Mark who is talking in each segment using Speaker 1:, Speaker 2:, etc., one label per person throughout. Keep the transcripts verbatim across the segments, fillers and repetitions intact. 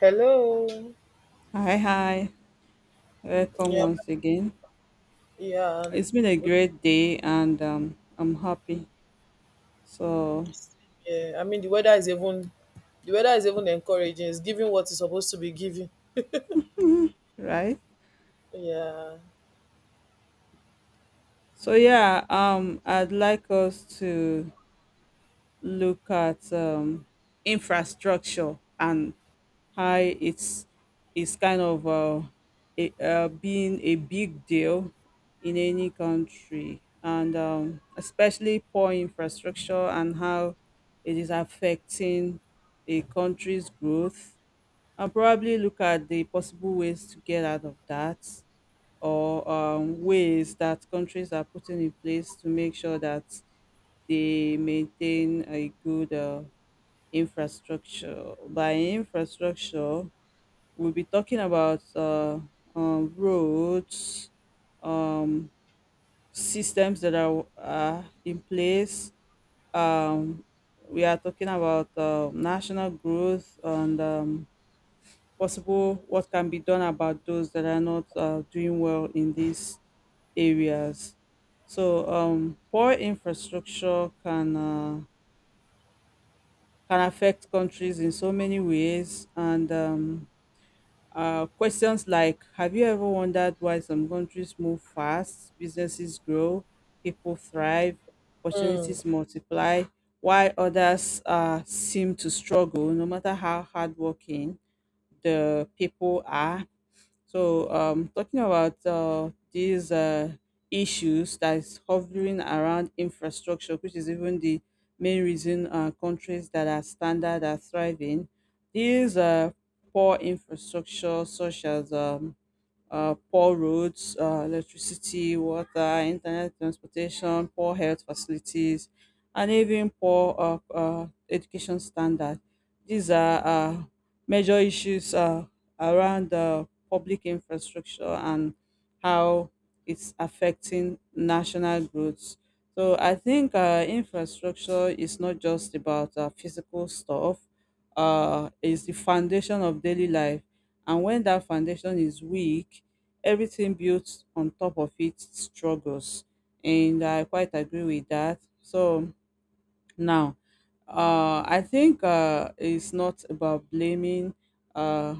Speaker 1: Hello.
Speaker 2: Hi, hi. Welcome
Speaker 1: Yeah,
Speaker 2: once again.
Speaker 1: yeah,
Speaker 2: It's been a great day and um, I'm happy. So,
Speaker 1: yeah. I mean, the weather is even the weather is even encouraging. It's giving what it's supposed to be giving.
Speaker 2: right?
Speaker 1: Yeah.
Speaker 2: So, yeah, um, I'd like us to look at um, infrastructure and how it's, it's kind of uh, a, uh, being a big deal in any country, and um, especially poor infrastructure and how it is affecting a country's growth. I'll probably look at the possible ways to get out of that, or um, ways that countries are putting in place to make sure that they maintain a good uh, infrastructure. By infrastructure, we'll be talking about uh, um, roads, um, systems that are uh, in place. Um, we are talking about uh, national growth and um, possible what can be done about those that are not uh, doing well in these areas. So um, poor infrastructure can uh, can affect countries in so many ways, and um, uh, questions like, have you ever wondered why some countries move fast, businesses grow, people thrive,
Speaker 1: Mm.
Speaker 2: opportunities multiply, while others uh, seem to struggle, no matter how hardworking the people are? So, um, talking about uh, these uh, issues that is hovering around infrastructure, which is even the main reason uh, countries that are standard are thriving, these uh, poor infrastructure, such as um, uh, poor roads, uh, electricity, water, internet transportation, poor health facilities, and even poor uh, uh, education standard. These are uh, major issues uh, around uh public infrastructure and how it's affecting national growth. So I think uh, infrastructure is not just about uh, physical stuff. Uh, it's the foundation of daily life, and when that foundation is weak, everything built on top of it struggles. And I quite agree with that. So now, uh, I think uh, it's not about blaming uh,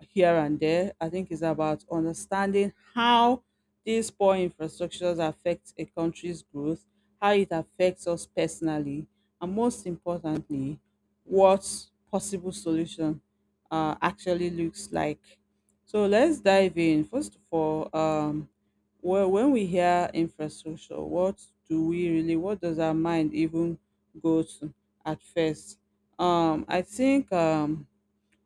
Speaker 2: here and there. I think it's about understanding how these poor infrastructures affect a country's growth, how it affects us personally, and most importantly, what possible solution uh, actually looks like. So let's dive in. First of all, um, well, when we hear infrastructure, what do we really, what does our mind even go to at first? Um, I think um,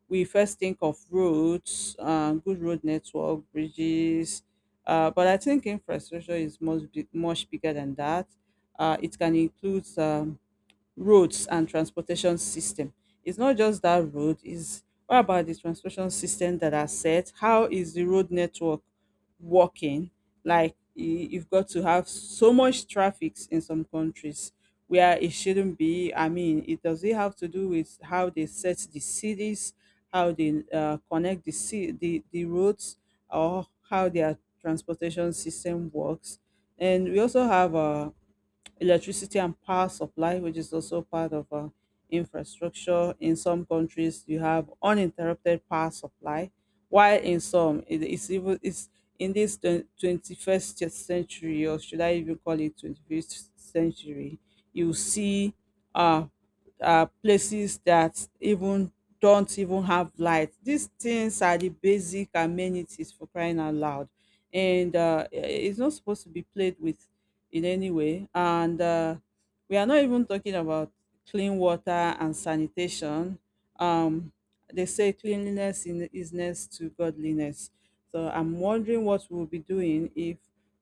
Speaker 2: we first think of roads, uh, good road network, bridges, uh, but I think infrastructure is much, big- much bigger than that. Uh, it can include um, roads and transportation system. It's not just that road, is what about the transportation system that are set? How is the road network working? Like y- you've got to have so much traffic in some countries where it shouldn't be. I mean, it does it have to do with how they set the cities, how they uh, connect the, ci- the the roads, or how their transportation system works. And we also have uh, electricity and power supply, which is also part of uh, infrastructure. In some countries, you have uninterrupted power supply, while in some, it- it's even it's in this twen- twenty-first century, or should I even call it twenty-first century, you see uh, uh, places that even don't even have light. These things are the basic amenities for crying out loud. And uh, it's not supposed to be played with in any way. And uh, we are not even talking about clean water and sanitation. Um, they say cleanliness in- is next to godliness. So I'm wondering what we'll be doing if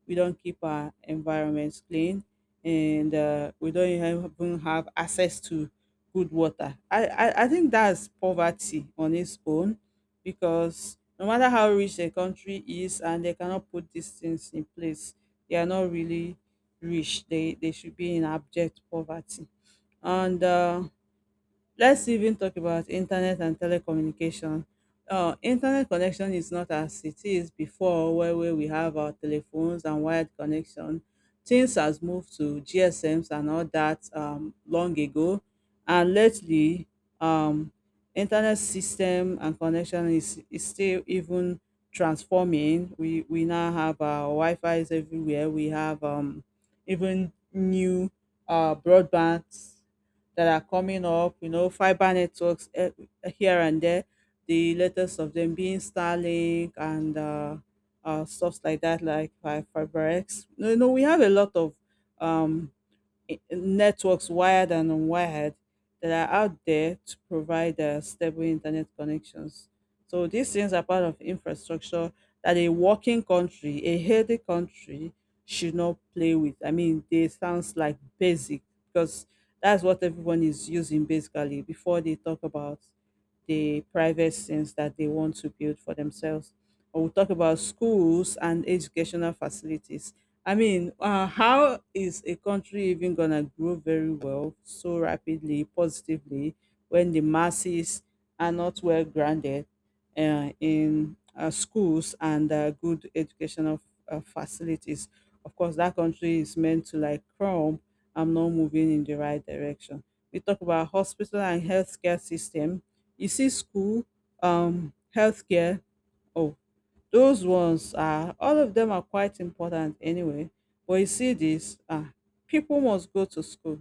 Speaker 2: we don't keep our environments clean, and uh, we don't even have access to good water. I, I, I think that's poverty on its own, because no matter how rich a country is and they cannot put these things in place, they are not really rich. They they should be in abject poverty. And uh, let's even talk about internet and telecommunication. Uh, internet connection is not as it is before, where, where we have our telephones and wired connection. Things has moved to G S Ms and all that um, long ago, and lately, um, internet system and connection is, is still even transforming. We we now have our Wi-Fi's everywhere. We have um, even new uh, broadband that are coming up, you know, fiber networks eh, here and there, the latest of them being Starlink and uh, uh, stuff like that, like fi- FiberX. You know, we have a lot of um, i- networks wired and unwired that are out there to provide uh, stable internet connections. So these things are part of infrastructure that a working country, a healthy country should not play with. I mean, they sounds like basic, because that's what everyone is using basically before they talk about the private scenes that they want to build for themselves. Or we'll talk about schools and educational facilities. I mean, uh, how is a country even going to grow very well so rapidly, positively, when the masses are not well grounded uh, in uh, schools and uh, good educational uh, facilities? Of course, that country is meant to like crumb. I'm not moving in the right direction. We talk about hospital and healthcare system. You see school, um, healthcare. Oh, those ones are all of them are quite important anyway. But you see this, ah, people must go to school,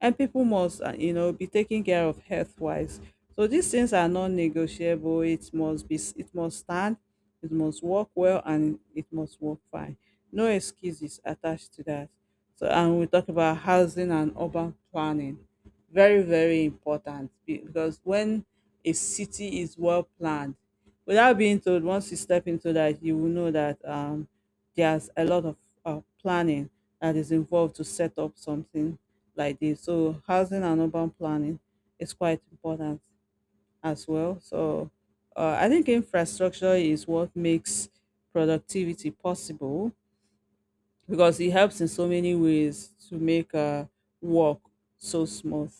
Speaker 2: and people must, ah, you know, be taken care of health wise. So these things are non-negotiable. It must be, it must stand, it must work well, and it must work fine. No excuses attached to that. So, and we talk about housing and urban planning. Very, very important be- because when a city is well planned, without being told, once you step into that you will know that um, there's a lot of uh, planning that is involved to set up something like this. So housing and urban planning is quite important as well. So uh, I think infrastructure is what makes productivity possible, because it helps in so many ways to make uh, work so smooth.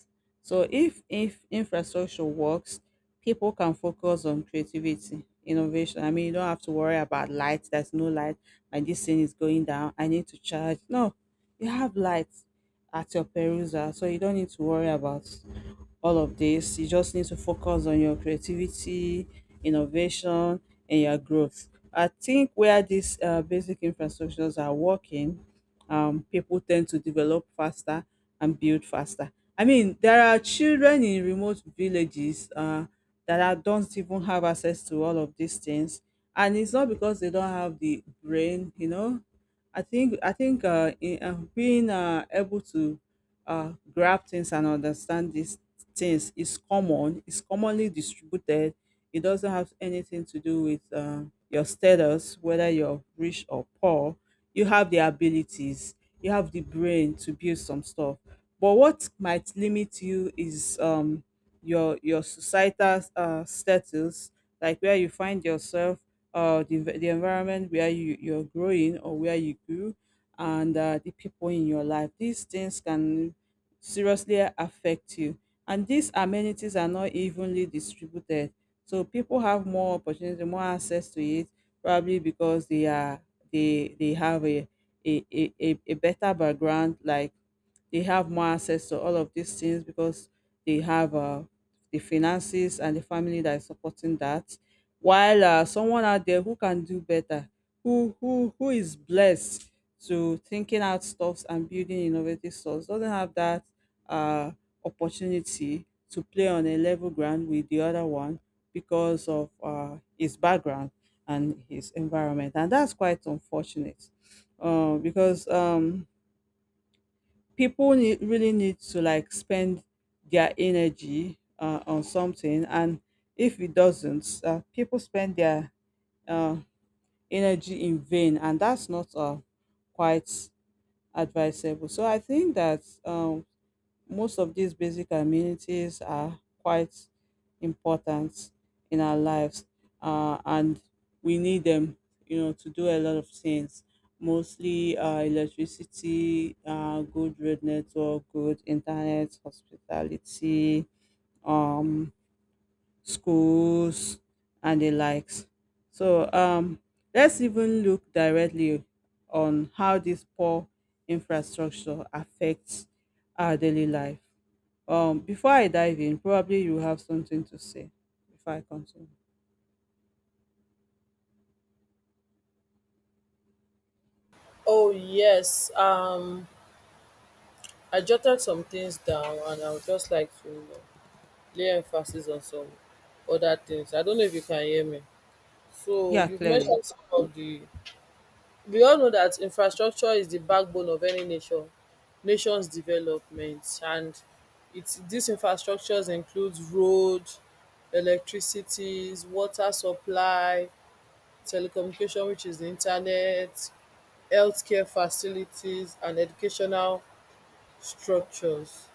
Speaker 2: So if if infrastructure works, people can focus on creativity, innovation. I mean, you don't have to worry about light. There's no light. My this thing is going down. I need to charge. No, you have light at your perusal. So you don't need to worry about all of this. You just need to focus on your creativity, innovation, and your growth. I think where these uh, basic infrastructures are working, um, people tend to develop faster and build faster. I mean, there are children in remote villages uh, that are, don't even have access to all of these things. And it's not because they don't have the brain. You know, I think I think uh, in, uh, being uh, able to uh, grab things and understand these things is common. It's commonly distributed. It doesn't have anything to do with uh, your status, whether you're rich or poor. You have the abilities. You have the brain to build some stuff. But what might limit you is um, your your societal uh, status, like where you find yourself, uh, the, env- the environment where you, you're growing or where you grew, and uh, the people in your life. These things can seriously affect you. And these amenities are not evenly distributed. So people have more opportunity, more access to it, probably because they are they they have a a, a, a a better background. Like they have more access to all of these things because they have uh, the finances and the family that is supporting that, while uh, someone out there who can do better, who who who is blessed to thinking out stuffs and building innovative stuffs, doesn't have that uh, opportunity to play on a level ground with the other one because of uh, his background and his environment. And that's quite unfortunate, uh, because um, people need really need to like spend their energy uh, on something, and if it doesn't uh, people spend their uh, energy in vain, and that's not uh, quite advisable. So I think that um, most of these basic amenities are quite important in our lives, uh, and we need them, you know, to do a lot of things. Mostly uh, electricity, uh, good road network, good internet, hospitality, um, schools and the likes. So um, let's even look directly on how this poor infrastructure affects our daily life. Um, before I dive in, probably you have something to say before I continue.
Speaker 1: Oh yes. Um, I jotted some things down, and I would just like to, you know, lay emphasis on some other things. I don't know if you can hear me. So
Speaker 2: Yeah,
Speaker 1: you've
Speaker 2: clearly.
Speaker 1: mentioned some of the— We all know that infrastructure is the backbone of any nation nation's development, and it's— these infrastructures includes road, electricities, water supply, telecommunication, which is the internet, healthcare facilities, and educational structures.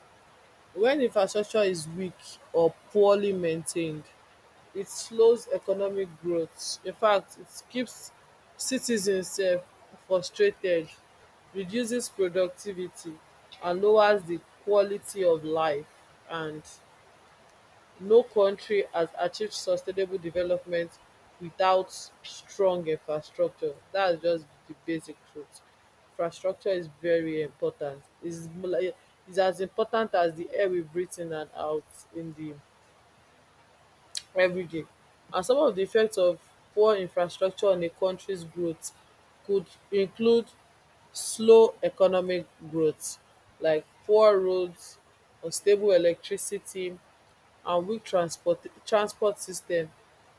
Speaker 1: When infrastructure is weak or poorly maintained, it slows economic growth. In fact, it keeps citizens um frustrated, reduces productivity, and lowers the quality of life. And no country has achieved sustainable development without strong infrastructure. That's just the basic truth. Infrastructure is very important, is is as important as the air we breathe in and out in di every day. And some of the effects of poor infrastructure on a country's growth could include slow economic growth. Like poor roads, unstable electricity, and weak transport transport system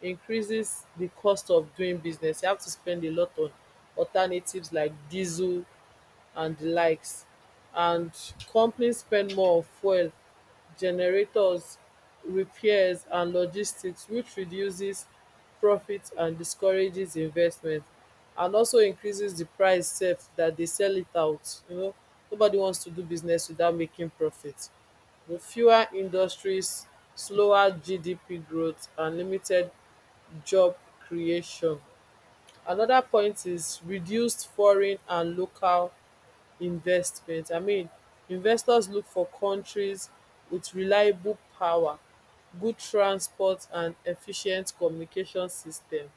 Speaker 1: increases the cost of doing business. You have to spend a lot on alternatives like diesel and the likes, and companies spend more on fuel, generators, repairs, and logistics, which reduces profit and discourages investment, and also increases the price sef that they sell it out, you know. Nobody wants to do business without making profit. With fewer industries, slower G D P growth, and limited job creation. Another point is reduced foreign and local investment. I mean, investors look for countries with reliable power, good transport, and efficient communication system,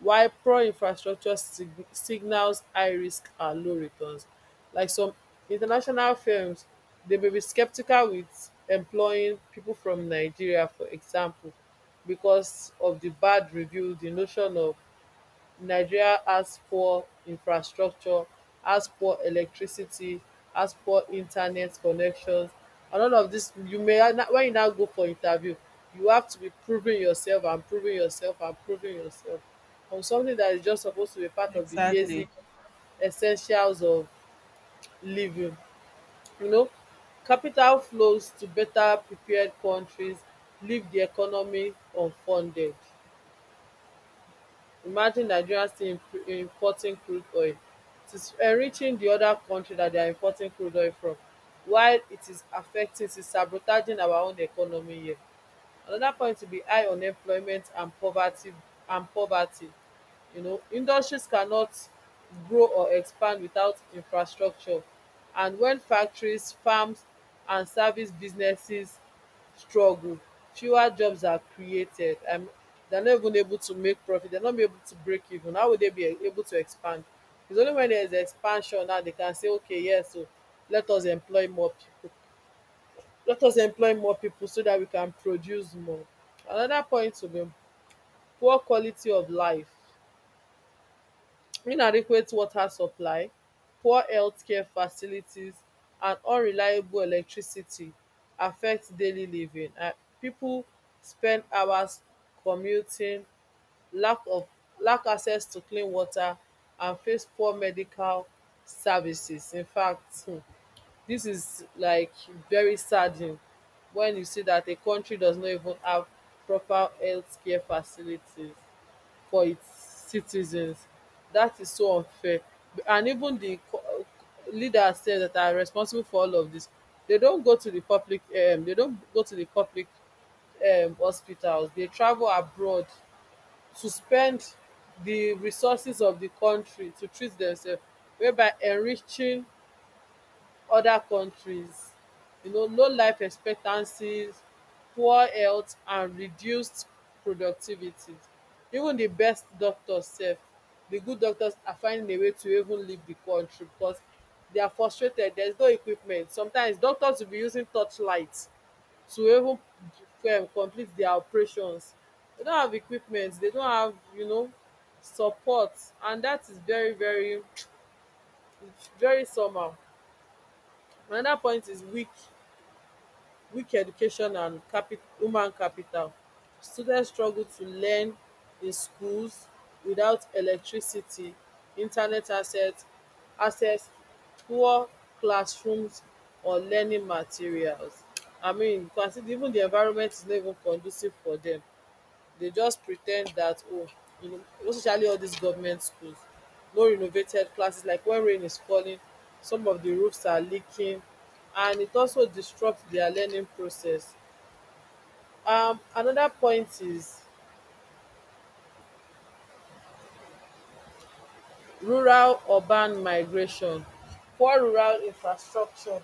Speaker 1: while poor infrastructure sig- signals high risk and low returns. Like some international firms, they may be skeptical with employing people from Nigeria, for example, because of the bad review, the notion of Nigeria has poor infrastructure, has poor electricity, has poor internet connections, and all of dis. You may, wen you now go for interview, you have to be proving yourself and proving yourself and proving yourself on something that is just supposed to be part of the
Speaker 2: Exactly.
Speaker 1: basic essentials of living, you know. Capital flows to better prepared kontris, leave di economy unfunded. Imagine Nigeria still imp- importing crude oil. It is enriching di oda kontri dat dia importing crude oil from, while it is affecting— it is sabotaging our own economy here. Another point will be high unemployment and poverty and poverty. You know, industries cannot grow or expand without infrastructure. And when factories, farms, and service businesses struggle, fewer jobs are created. Um, they're not even able to make profit. They're not able to break even. How will they be able to expand? It's only when there's expansion now they can say, okay, yes, so let us employ more people. Let us employ more people so that we can produce more. Another point will be poor quality of life. Inadequate water supply, poor healthcare facilities, and unreliable electricity affect daily living. And people spend hours commuting, lack of— lack access to clean water, and face poor medical services. In fact, hmm, this is like very saddening when you see that a country does not even have proper healthcare facilities for its citizens. That is so unfair. And even the co- leaders say that are responsible for all of this, they don't go to the public. Um, they don't go to the public um, hospitals. They travel abroad to spend the resources of the country to treat themselves, whereby enriching other countries, you know. Low life expectancies, poor health, and reduced productivity. Even the best doctors sef, the good doctors are finding a way to even leave the country because they are frustrated. There is no equipment. Sometimes doctors will be using torchlight to even um complete their operations. They don't have equipment, they don't have, you know, support. And that is very, very it's very somehow. Another point is weak weak education and capi- human capital. Students struggle to learn in schools without electricity, internet access access, poor classrooms, or learning materials. I mean, you can see even di environment is no even conducive for dem. They just pretend that, oh, you know, especially all these government schools, no renovated classes. Like when rain is falling, some of the roofs are leaking, and it also disrupts their learning process. Um another point is rural urban migration. Poor rural infrastructure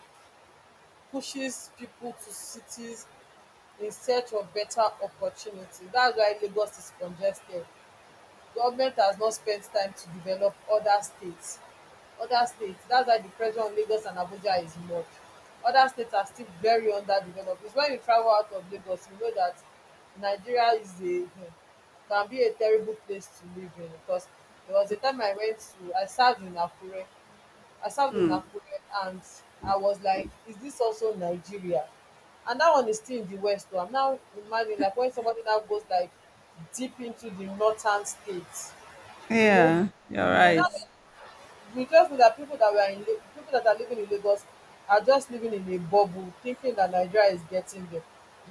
Speaker 1: pushes people to cities in search of better opportunity. That's why Lagos is congested. Government has not spent time to develop other states other states. That's why the pressure on Lagos and Abuja is much. Other states are still very underdeveloped. It's when you travel out of Lagos, you know that Nigeria is a, um can be a terrible place to live in, because there was a time I went to— I served in Akure. I served in
Speaker 2: Mm.
Speaker 1: Nakuru, and I was like, is this also Nigeria? And that one is still in the west. So I'm now imagining like when somebody now goes like deep into the northern states, you know,
Speaker 2: Yeah, you're
Speaker 1: you will now—
Speaker 2: right.
Speaker 1: We just know that people that were in La- people that are living in Lagos are just living in a bubble thinking that Nigeria is getting there.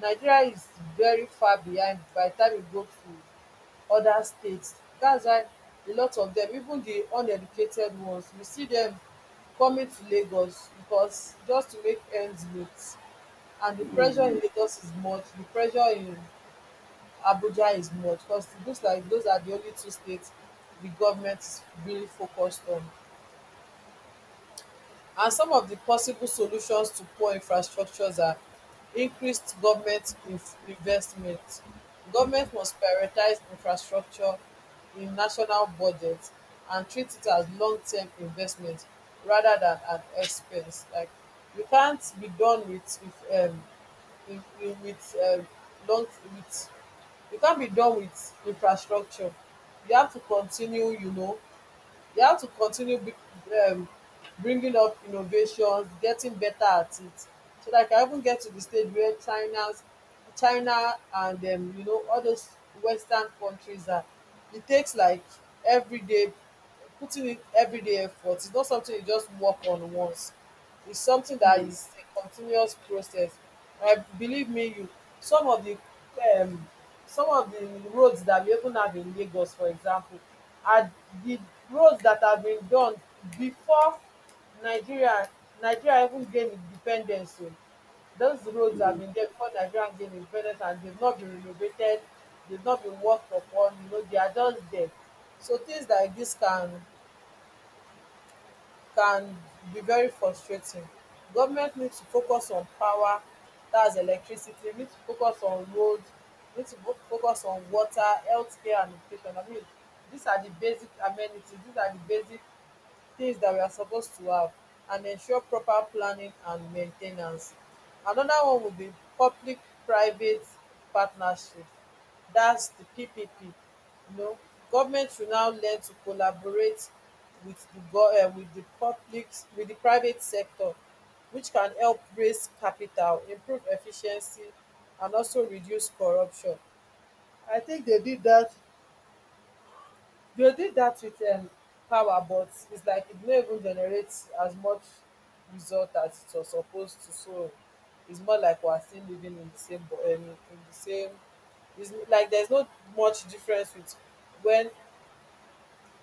Speaker 1: Nigeria is very far behind by the time you go to other states. That's why a lot of them, even the uneducated ones, you see them coming to Lagos because just to make ends meet. And the pressure
Speaker 2: Mm.
Speaker 1: in Lagos is much, the pressure in Abuja is much, because it looks like those are the only two states the government is really focused on. And some of the possible solutions to poor infrastructures are: increased government inf- investment. Government must prioritize infrastructure in national budgets and treat it as long-term investment rather than an expense. Like you can't be done with if, um, in, in, with um, long with you can't be done with infrastructure. You have to continue, you know, they have to continue be, um, bringing up innovations, getting better at it, so that I can even get to the stage where China's China and, um, you know, all those Western countries are. It takes like every day putting in everyday effort. It's not something you just work on once. Is something that is a continuous process. Um believe me, you— some of the um some of the roads that we even have in Lagos, for example, are the roads that have been done before Nigeria Nigeria even gain independence o. Those roads have
Speaker 2: Mm.
Speaker 1: been there before Nigeria gain independence, and they've not been renovated, they've not been worked upon, you know. They are just there. So things like dis can— can be very frustrating. Government need to focus on power, that's electricity, need to focus on road, need to fo- focus on water, healthcare, and education. I mean, these are the basic amenities, these are the basic things dat we are supposed to have, and ensure proper planning and main ten ance. Another one would be public private partnership, dat's the P P P. You know, government should now learn to collaborate with the go um with the public— with the private sector, which can help raise capital, improve efficiency, and also reduce corruption. I think they did dat, they did that with um power, but its like it no even generates as much result as it was supposed to. So its more like we're still living in the same bo- um in the same— its like theres not much difference with when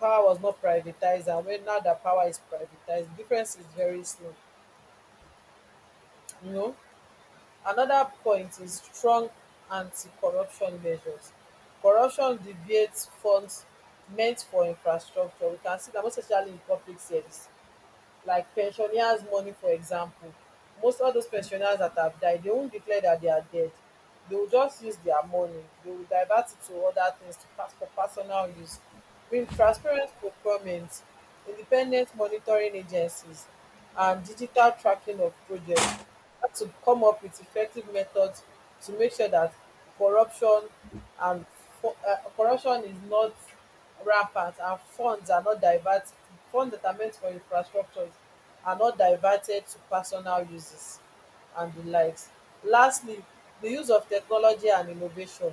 Speaker 1: power was not privatized, and when now that power is privatized, the difference is very slow, you know. Another point is strong anti-corruption measures. Corruption deviates funds meant for infrastructure. We can see that most especially in public service, like pensioners' money, for example. Most of those pensioners that have died, they won't declare that they are dead. They will just use their money. They will divert it to other things to pass for personal use. With transparent procurement, independent monitoring agencies, and digital tracking of projects, had to come up with effective methods to make sure that corruption and fu- uh, corruption is not rampant and funds are not diverted, funds that are meant for infrastructures are not diverted to personal uses and the likes. Lastly, the use of technology and innovation.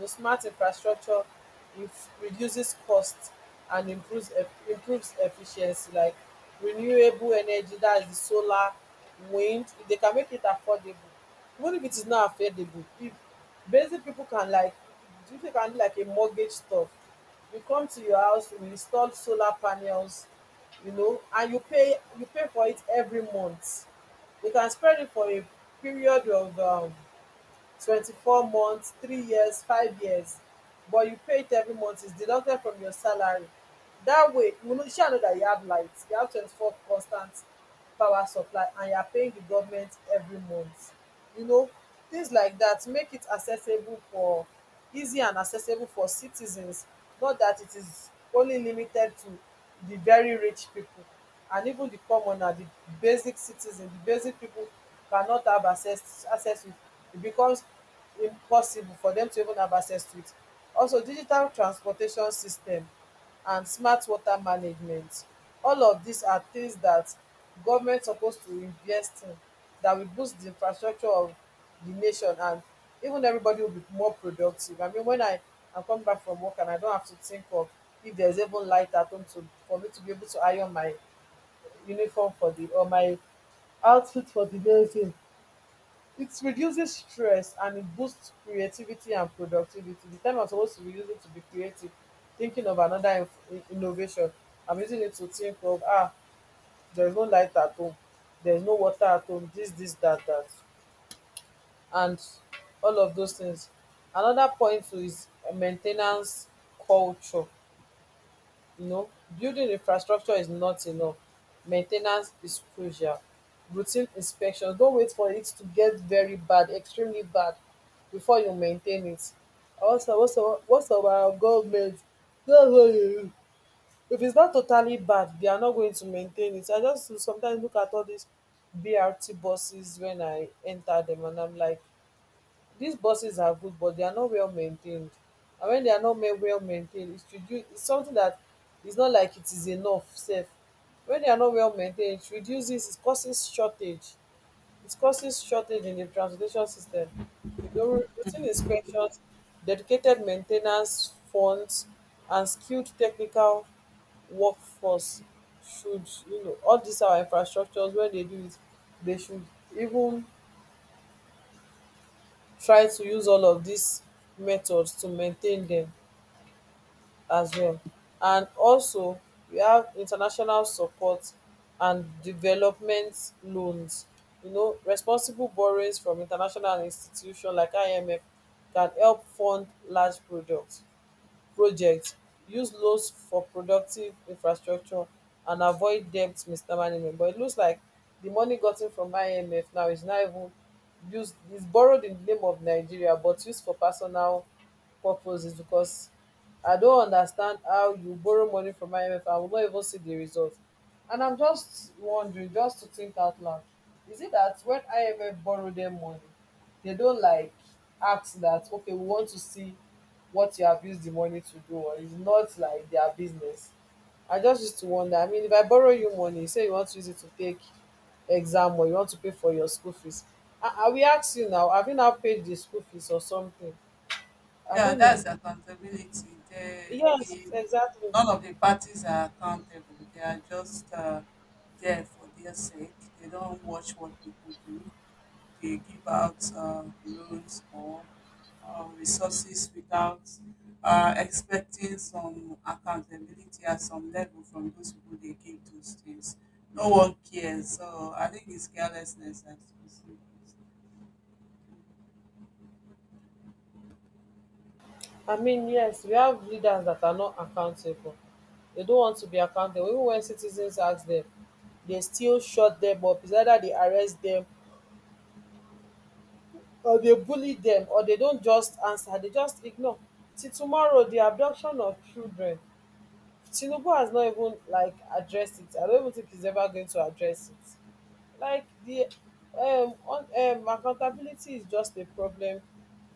Speaker 1: um Smart infrastructure inf- reduces costs and improves eff- improves efficiency, like renewable energy, that is di solar, wind. If dey can make it affordable— even if it is not affordable, if basic people can like— if you can do like a mortgage stuff, we come to your house, we install solar panels, you know, and you pay— you pay for it every month. You can spread it for a period of um twenty-four months, three years, five years, but you pay it every month. It's deducted from your salary. That way, you know, you shall know that you have light, you have twenty-four constant power supply, and you are paying the government every month. You know, things like that make it accessible for easy and accessible for citizens, not that it is only limited to the very rich people. And even the commoner, the basic citizen, the basic people cannot have access access to it. It becomes impossible for them to even have access to it. Also digital transportation system and smart water management, all of these are things that government supposed to invest in, that will boost the infrastructure of the nation, and even everybody will be more productive. I mean, when I am come back from work and I don't have to think of if there's even light at home to for me to be able to iron my uniform for the or my outfit for the next day. Thing. It reduces stress and it boosts creativity and productivity. The time I'm supposed to be using to be creative, thinking of another inf- in- innovation, I'm using it to think of ah, there's no light at home, there's no water at home, this, this, that, that, and all of those things. Another point too is uh, maintenance culture, you know, building infrastructure is not enough. Maintenance is crucial. Routine inspections. Don't wait for it to get very bad, extremely bad before you maintain it. Also also what's of our government, dats why dey, if its not totally bad they are not going to maintain it. I just sometimes look at all these B R T buses when I enter them, and I'm like, these buses are good, but they are not well maintained. And when they are not ma- well maintained, it should do, it's something that is not like it is enough safe. When they are not well maintained, it reduces, it causes shortage. It causes shortage in the transportation system. You know, routine inspections, dedicated maintenance funds, and skilled technical workforce should, you know, all these our infrastructures, when they do it, they should even try to use all of these methods to maintain dem as well. And also we have international support and development loans. You know, responsible borrowings from international institutions like IMF can help fund large projects projects. Use loans for productive infrastructure and avoid debt mismanagement. But it looks like the money gotten from IMF now is not even used, is borrowed in the name of Nigeria but used for personal purposes. Because I don't understand how you borrow money from IMF and will not even see the result. And I'm just wondering, just to think out loud, is it that when IMF borrow them money, they don't like ask that, okay, we want to see what you have used the money to do, or it's not like their business? I just used to wonder. I mean, if I borrow you money, say you want to use it to take exam, or you want to pay for your school fees, i, I will ask you now, have you now paid the school fees or something? I
Speaker 2: Yeah,
Speaker 1: don't know.
Speaker 2: that's accountability. The,
Speaker 1: Yes,
Speaker 2: the
Speaker 1: exactly.
Speaker 2: None of the parties are accountable. They are just uh, there for their sake. They don't watch what people do. They give out uh, loans or uh, resources without uh, expecting some accountability at some level from those people they give those things. No one cares. So I think it's carelessness. I suppose.
Speaker 1: I mean, yes, we have leaders that are not accountable. They don't want to be accountable. Even when citizens ask them, they still shut them up. It's either they arrest them, or they bully them, or they don't just answer, they just ignore. Till tomorrow, the abduction of children, Tinubu has not even like addressed it. I don't even think he's ever going to address it. Like the um, on um accountability is just a problem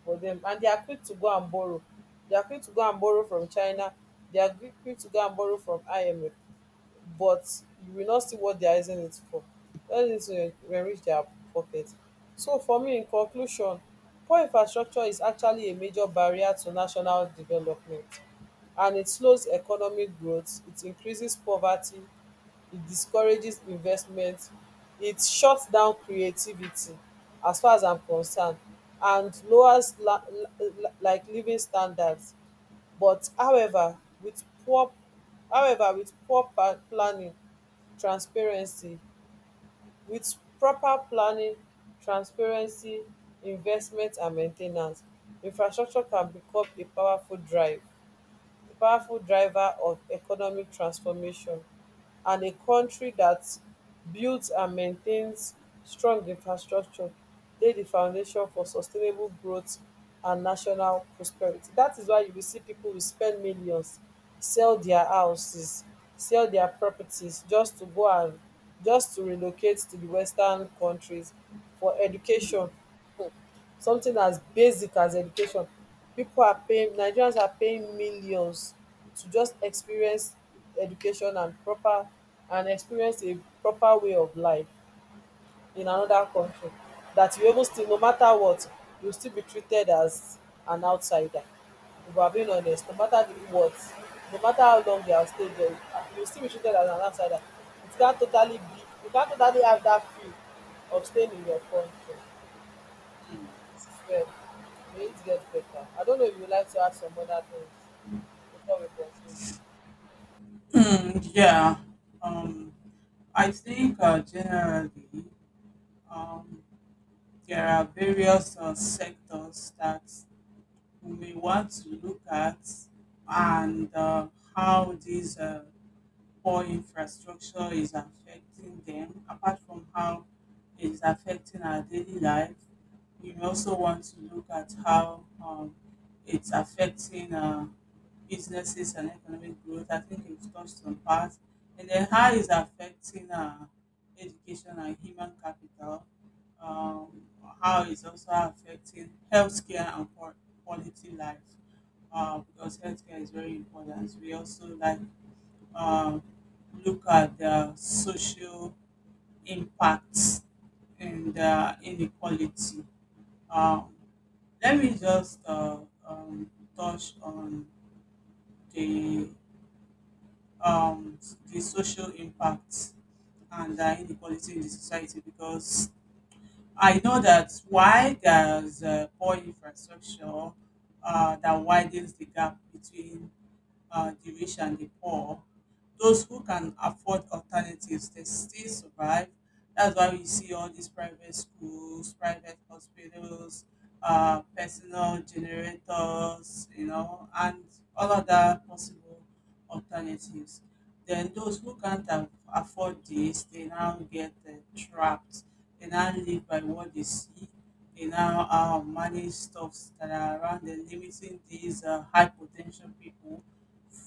Speaker 1: for them. And they are quick to go and borrow, they are quick to go and borrow from China, they are quick quick to go and borrow from IMF, but you will not see what they are using it for. All this enrich their pocket. So for me, in conclusion, poor infrastructure is actually a major barrier to national development, and it slows economic growth, it increases poverty, it discourages investment, it shuts down creativity, as far as I'm concerned, and lowers la- la- like living standards. But however, with poor however, with poor pa- planning, transparency with proper planning, transparency, investment and main ten ance, infrastructure can become a powerful drive a powerful driver of economic transformation. And a country that builds and maintains strong infrastructure lay the foundation for sustainable growth and national prosperity. That is why you will see people will spend millions, sell their houses, sell their properties, just to go and just to relocate to the western countries for education. Something as basic as education, pipo are paying, nigerians are paying millions to just experience education and proper and experience a proper way of life in anoda kontri. Dat you even still, no mata what, you still be treated as an outsider. If we are being honest, no mata di what, no mata how long you have stayed dia, you still be treated as an outsider. You can't totally be you can't totally have dat feel of staying in your kontri. Well, we need get better. I don't know if you would like to add some other things before we conclude.
Speaker 2: Mm, yeah. Um, I think uh, generally um, there are various uh, sectors that we may want to look at, and uh, how these uh, poor infrastructure is affecting them, apart from how it's affecting our daily life. We also want to look at how um, it's affecting uh, businesses and economic growth. I think we've touched on part. And then how it's affecting uh, education and human capital. Um, how it's also affecting healthcare and qua- quality life. Uh, because healthcare is very important. We also like um, look at the social impacts and uh, inequality. Um, Let me just uh, um, touch on the um, the social impacts and the inequality in the society, because I know that why there's uh, poor infrastructure uh, that widens the gap between uh, the rich and the poor. Those who can afford alternatives, they still survive. That's why we see all these private schools, private hospitals, uh, personal generators, you know, and all other possible alternatives. Then those who can't af- afford this, they now get uh, trapped. They now live by what they see. They now uh, manage stuffs that are around them, limiting these uh, high potential people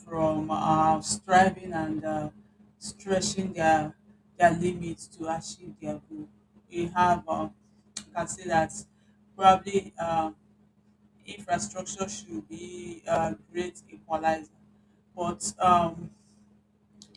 Speaker 2: from uh, striving and uh, stretching their their limits to achieve their goal. We have, uh, you can say that probably uh, infrastructure should be a great equalizer, but um,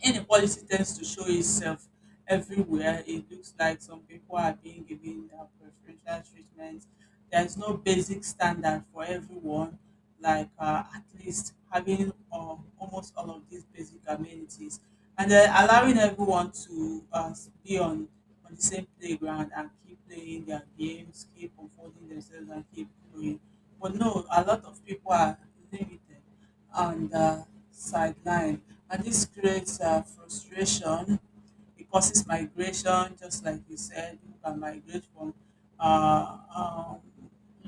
Speaker 2: inequality tends to show itself everywhere. It looks like some people are being given uh, preferential treatment. There's no basic standard for everyone, like uh, at least having uh, almost all of these basic amenities, and then allowing everyone to uh, be on on the same playground and keep playing their games, keep unfolding themselves, and keep growing. But no, a lot of people are limited on the sideline. And this creates uh, frustration. It causes migration, just like you said, people can migrate from uh, um,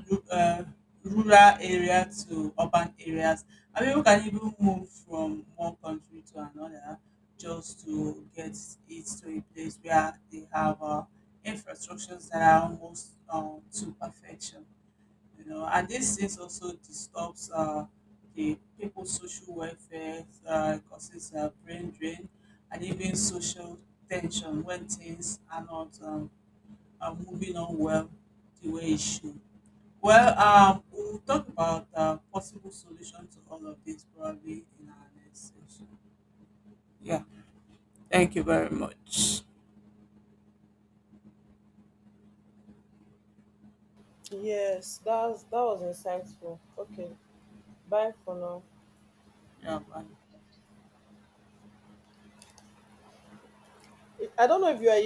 Speaker 2: ru- uh, rural area to urban areas. And people can even move from one country to another just to get it to a place where they have uh, infrastructures that are almost um, to perfection, you know, and these things also disturbs uh, the people's social welfare, uh, causes uh, brain drain, and even social tension when things are not um, are moving on well the way it should. Well, um, we'll talk about uh, possible solution to all of this probably in our next session. Yeah, thank you very much.
Speaker 1: Yes, that was, that was insightful. Okay, bye for now.
Speaker 2: Yeah, bye.
Speaker 1: I I don't know if you are here.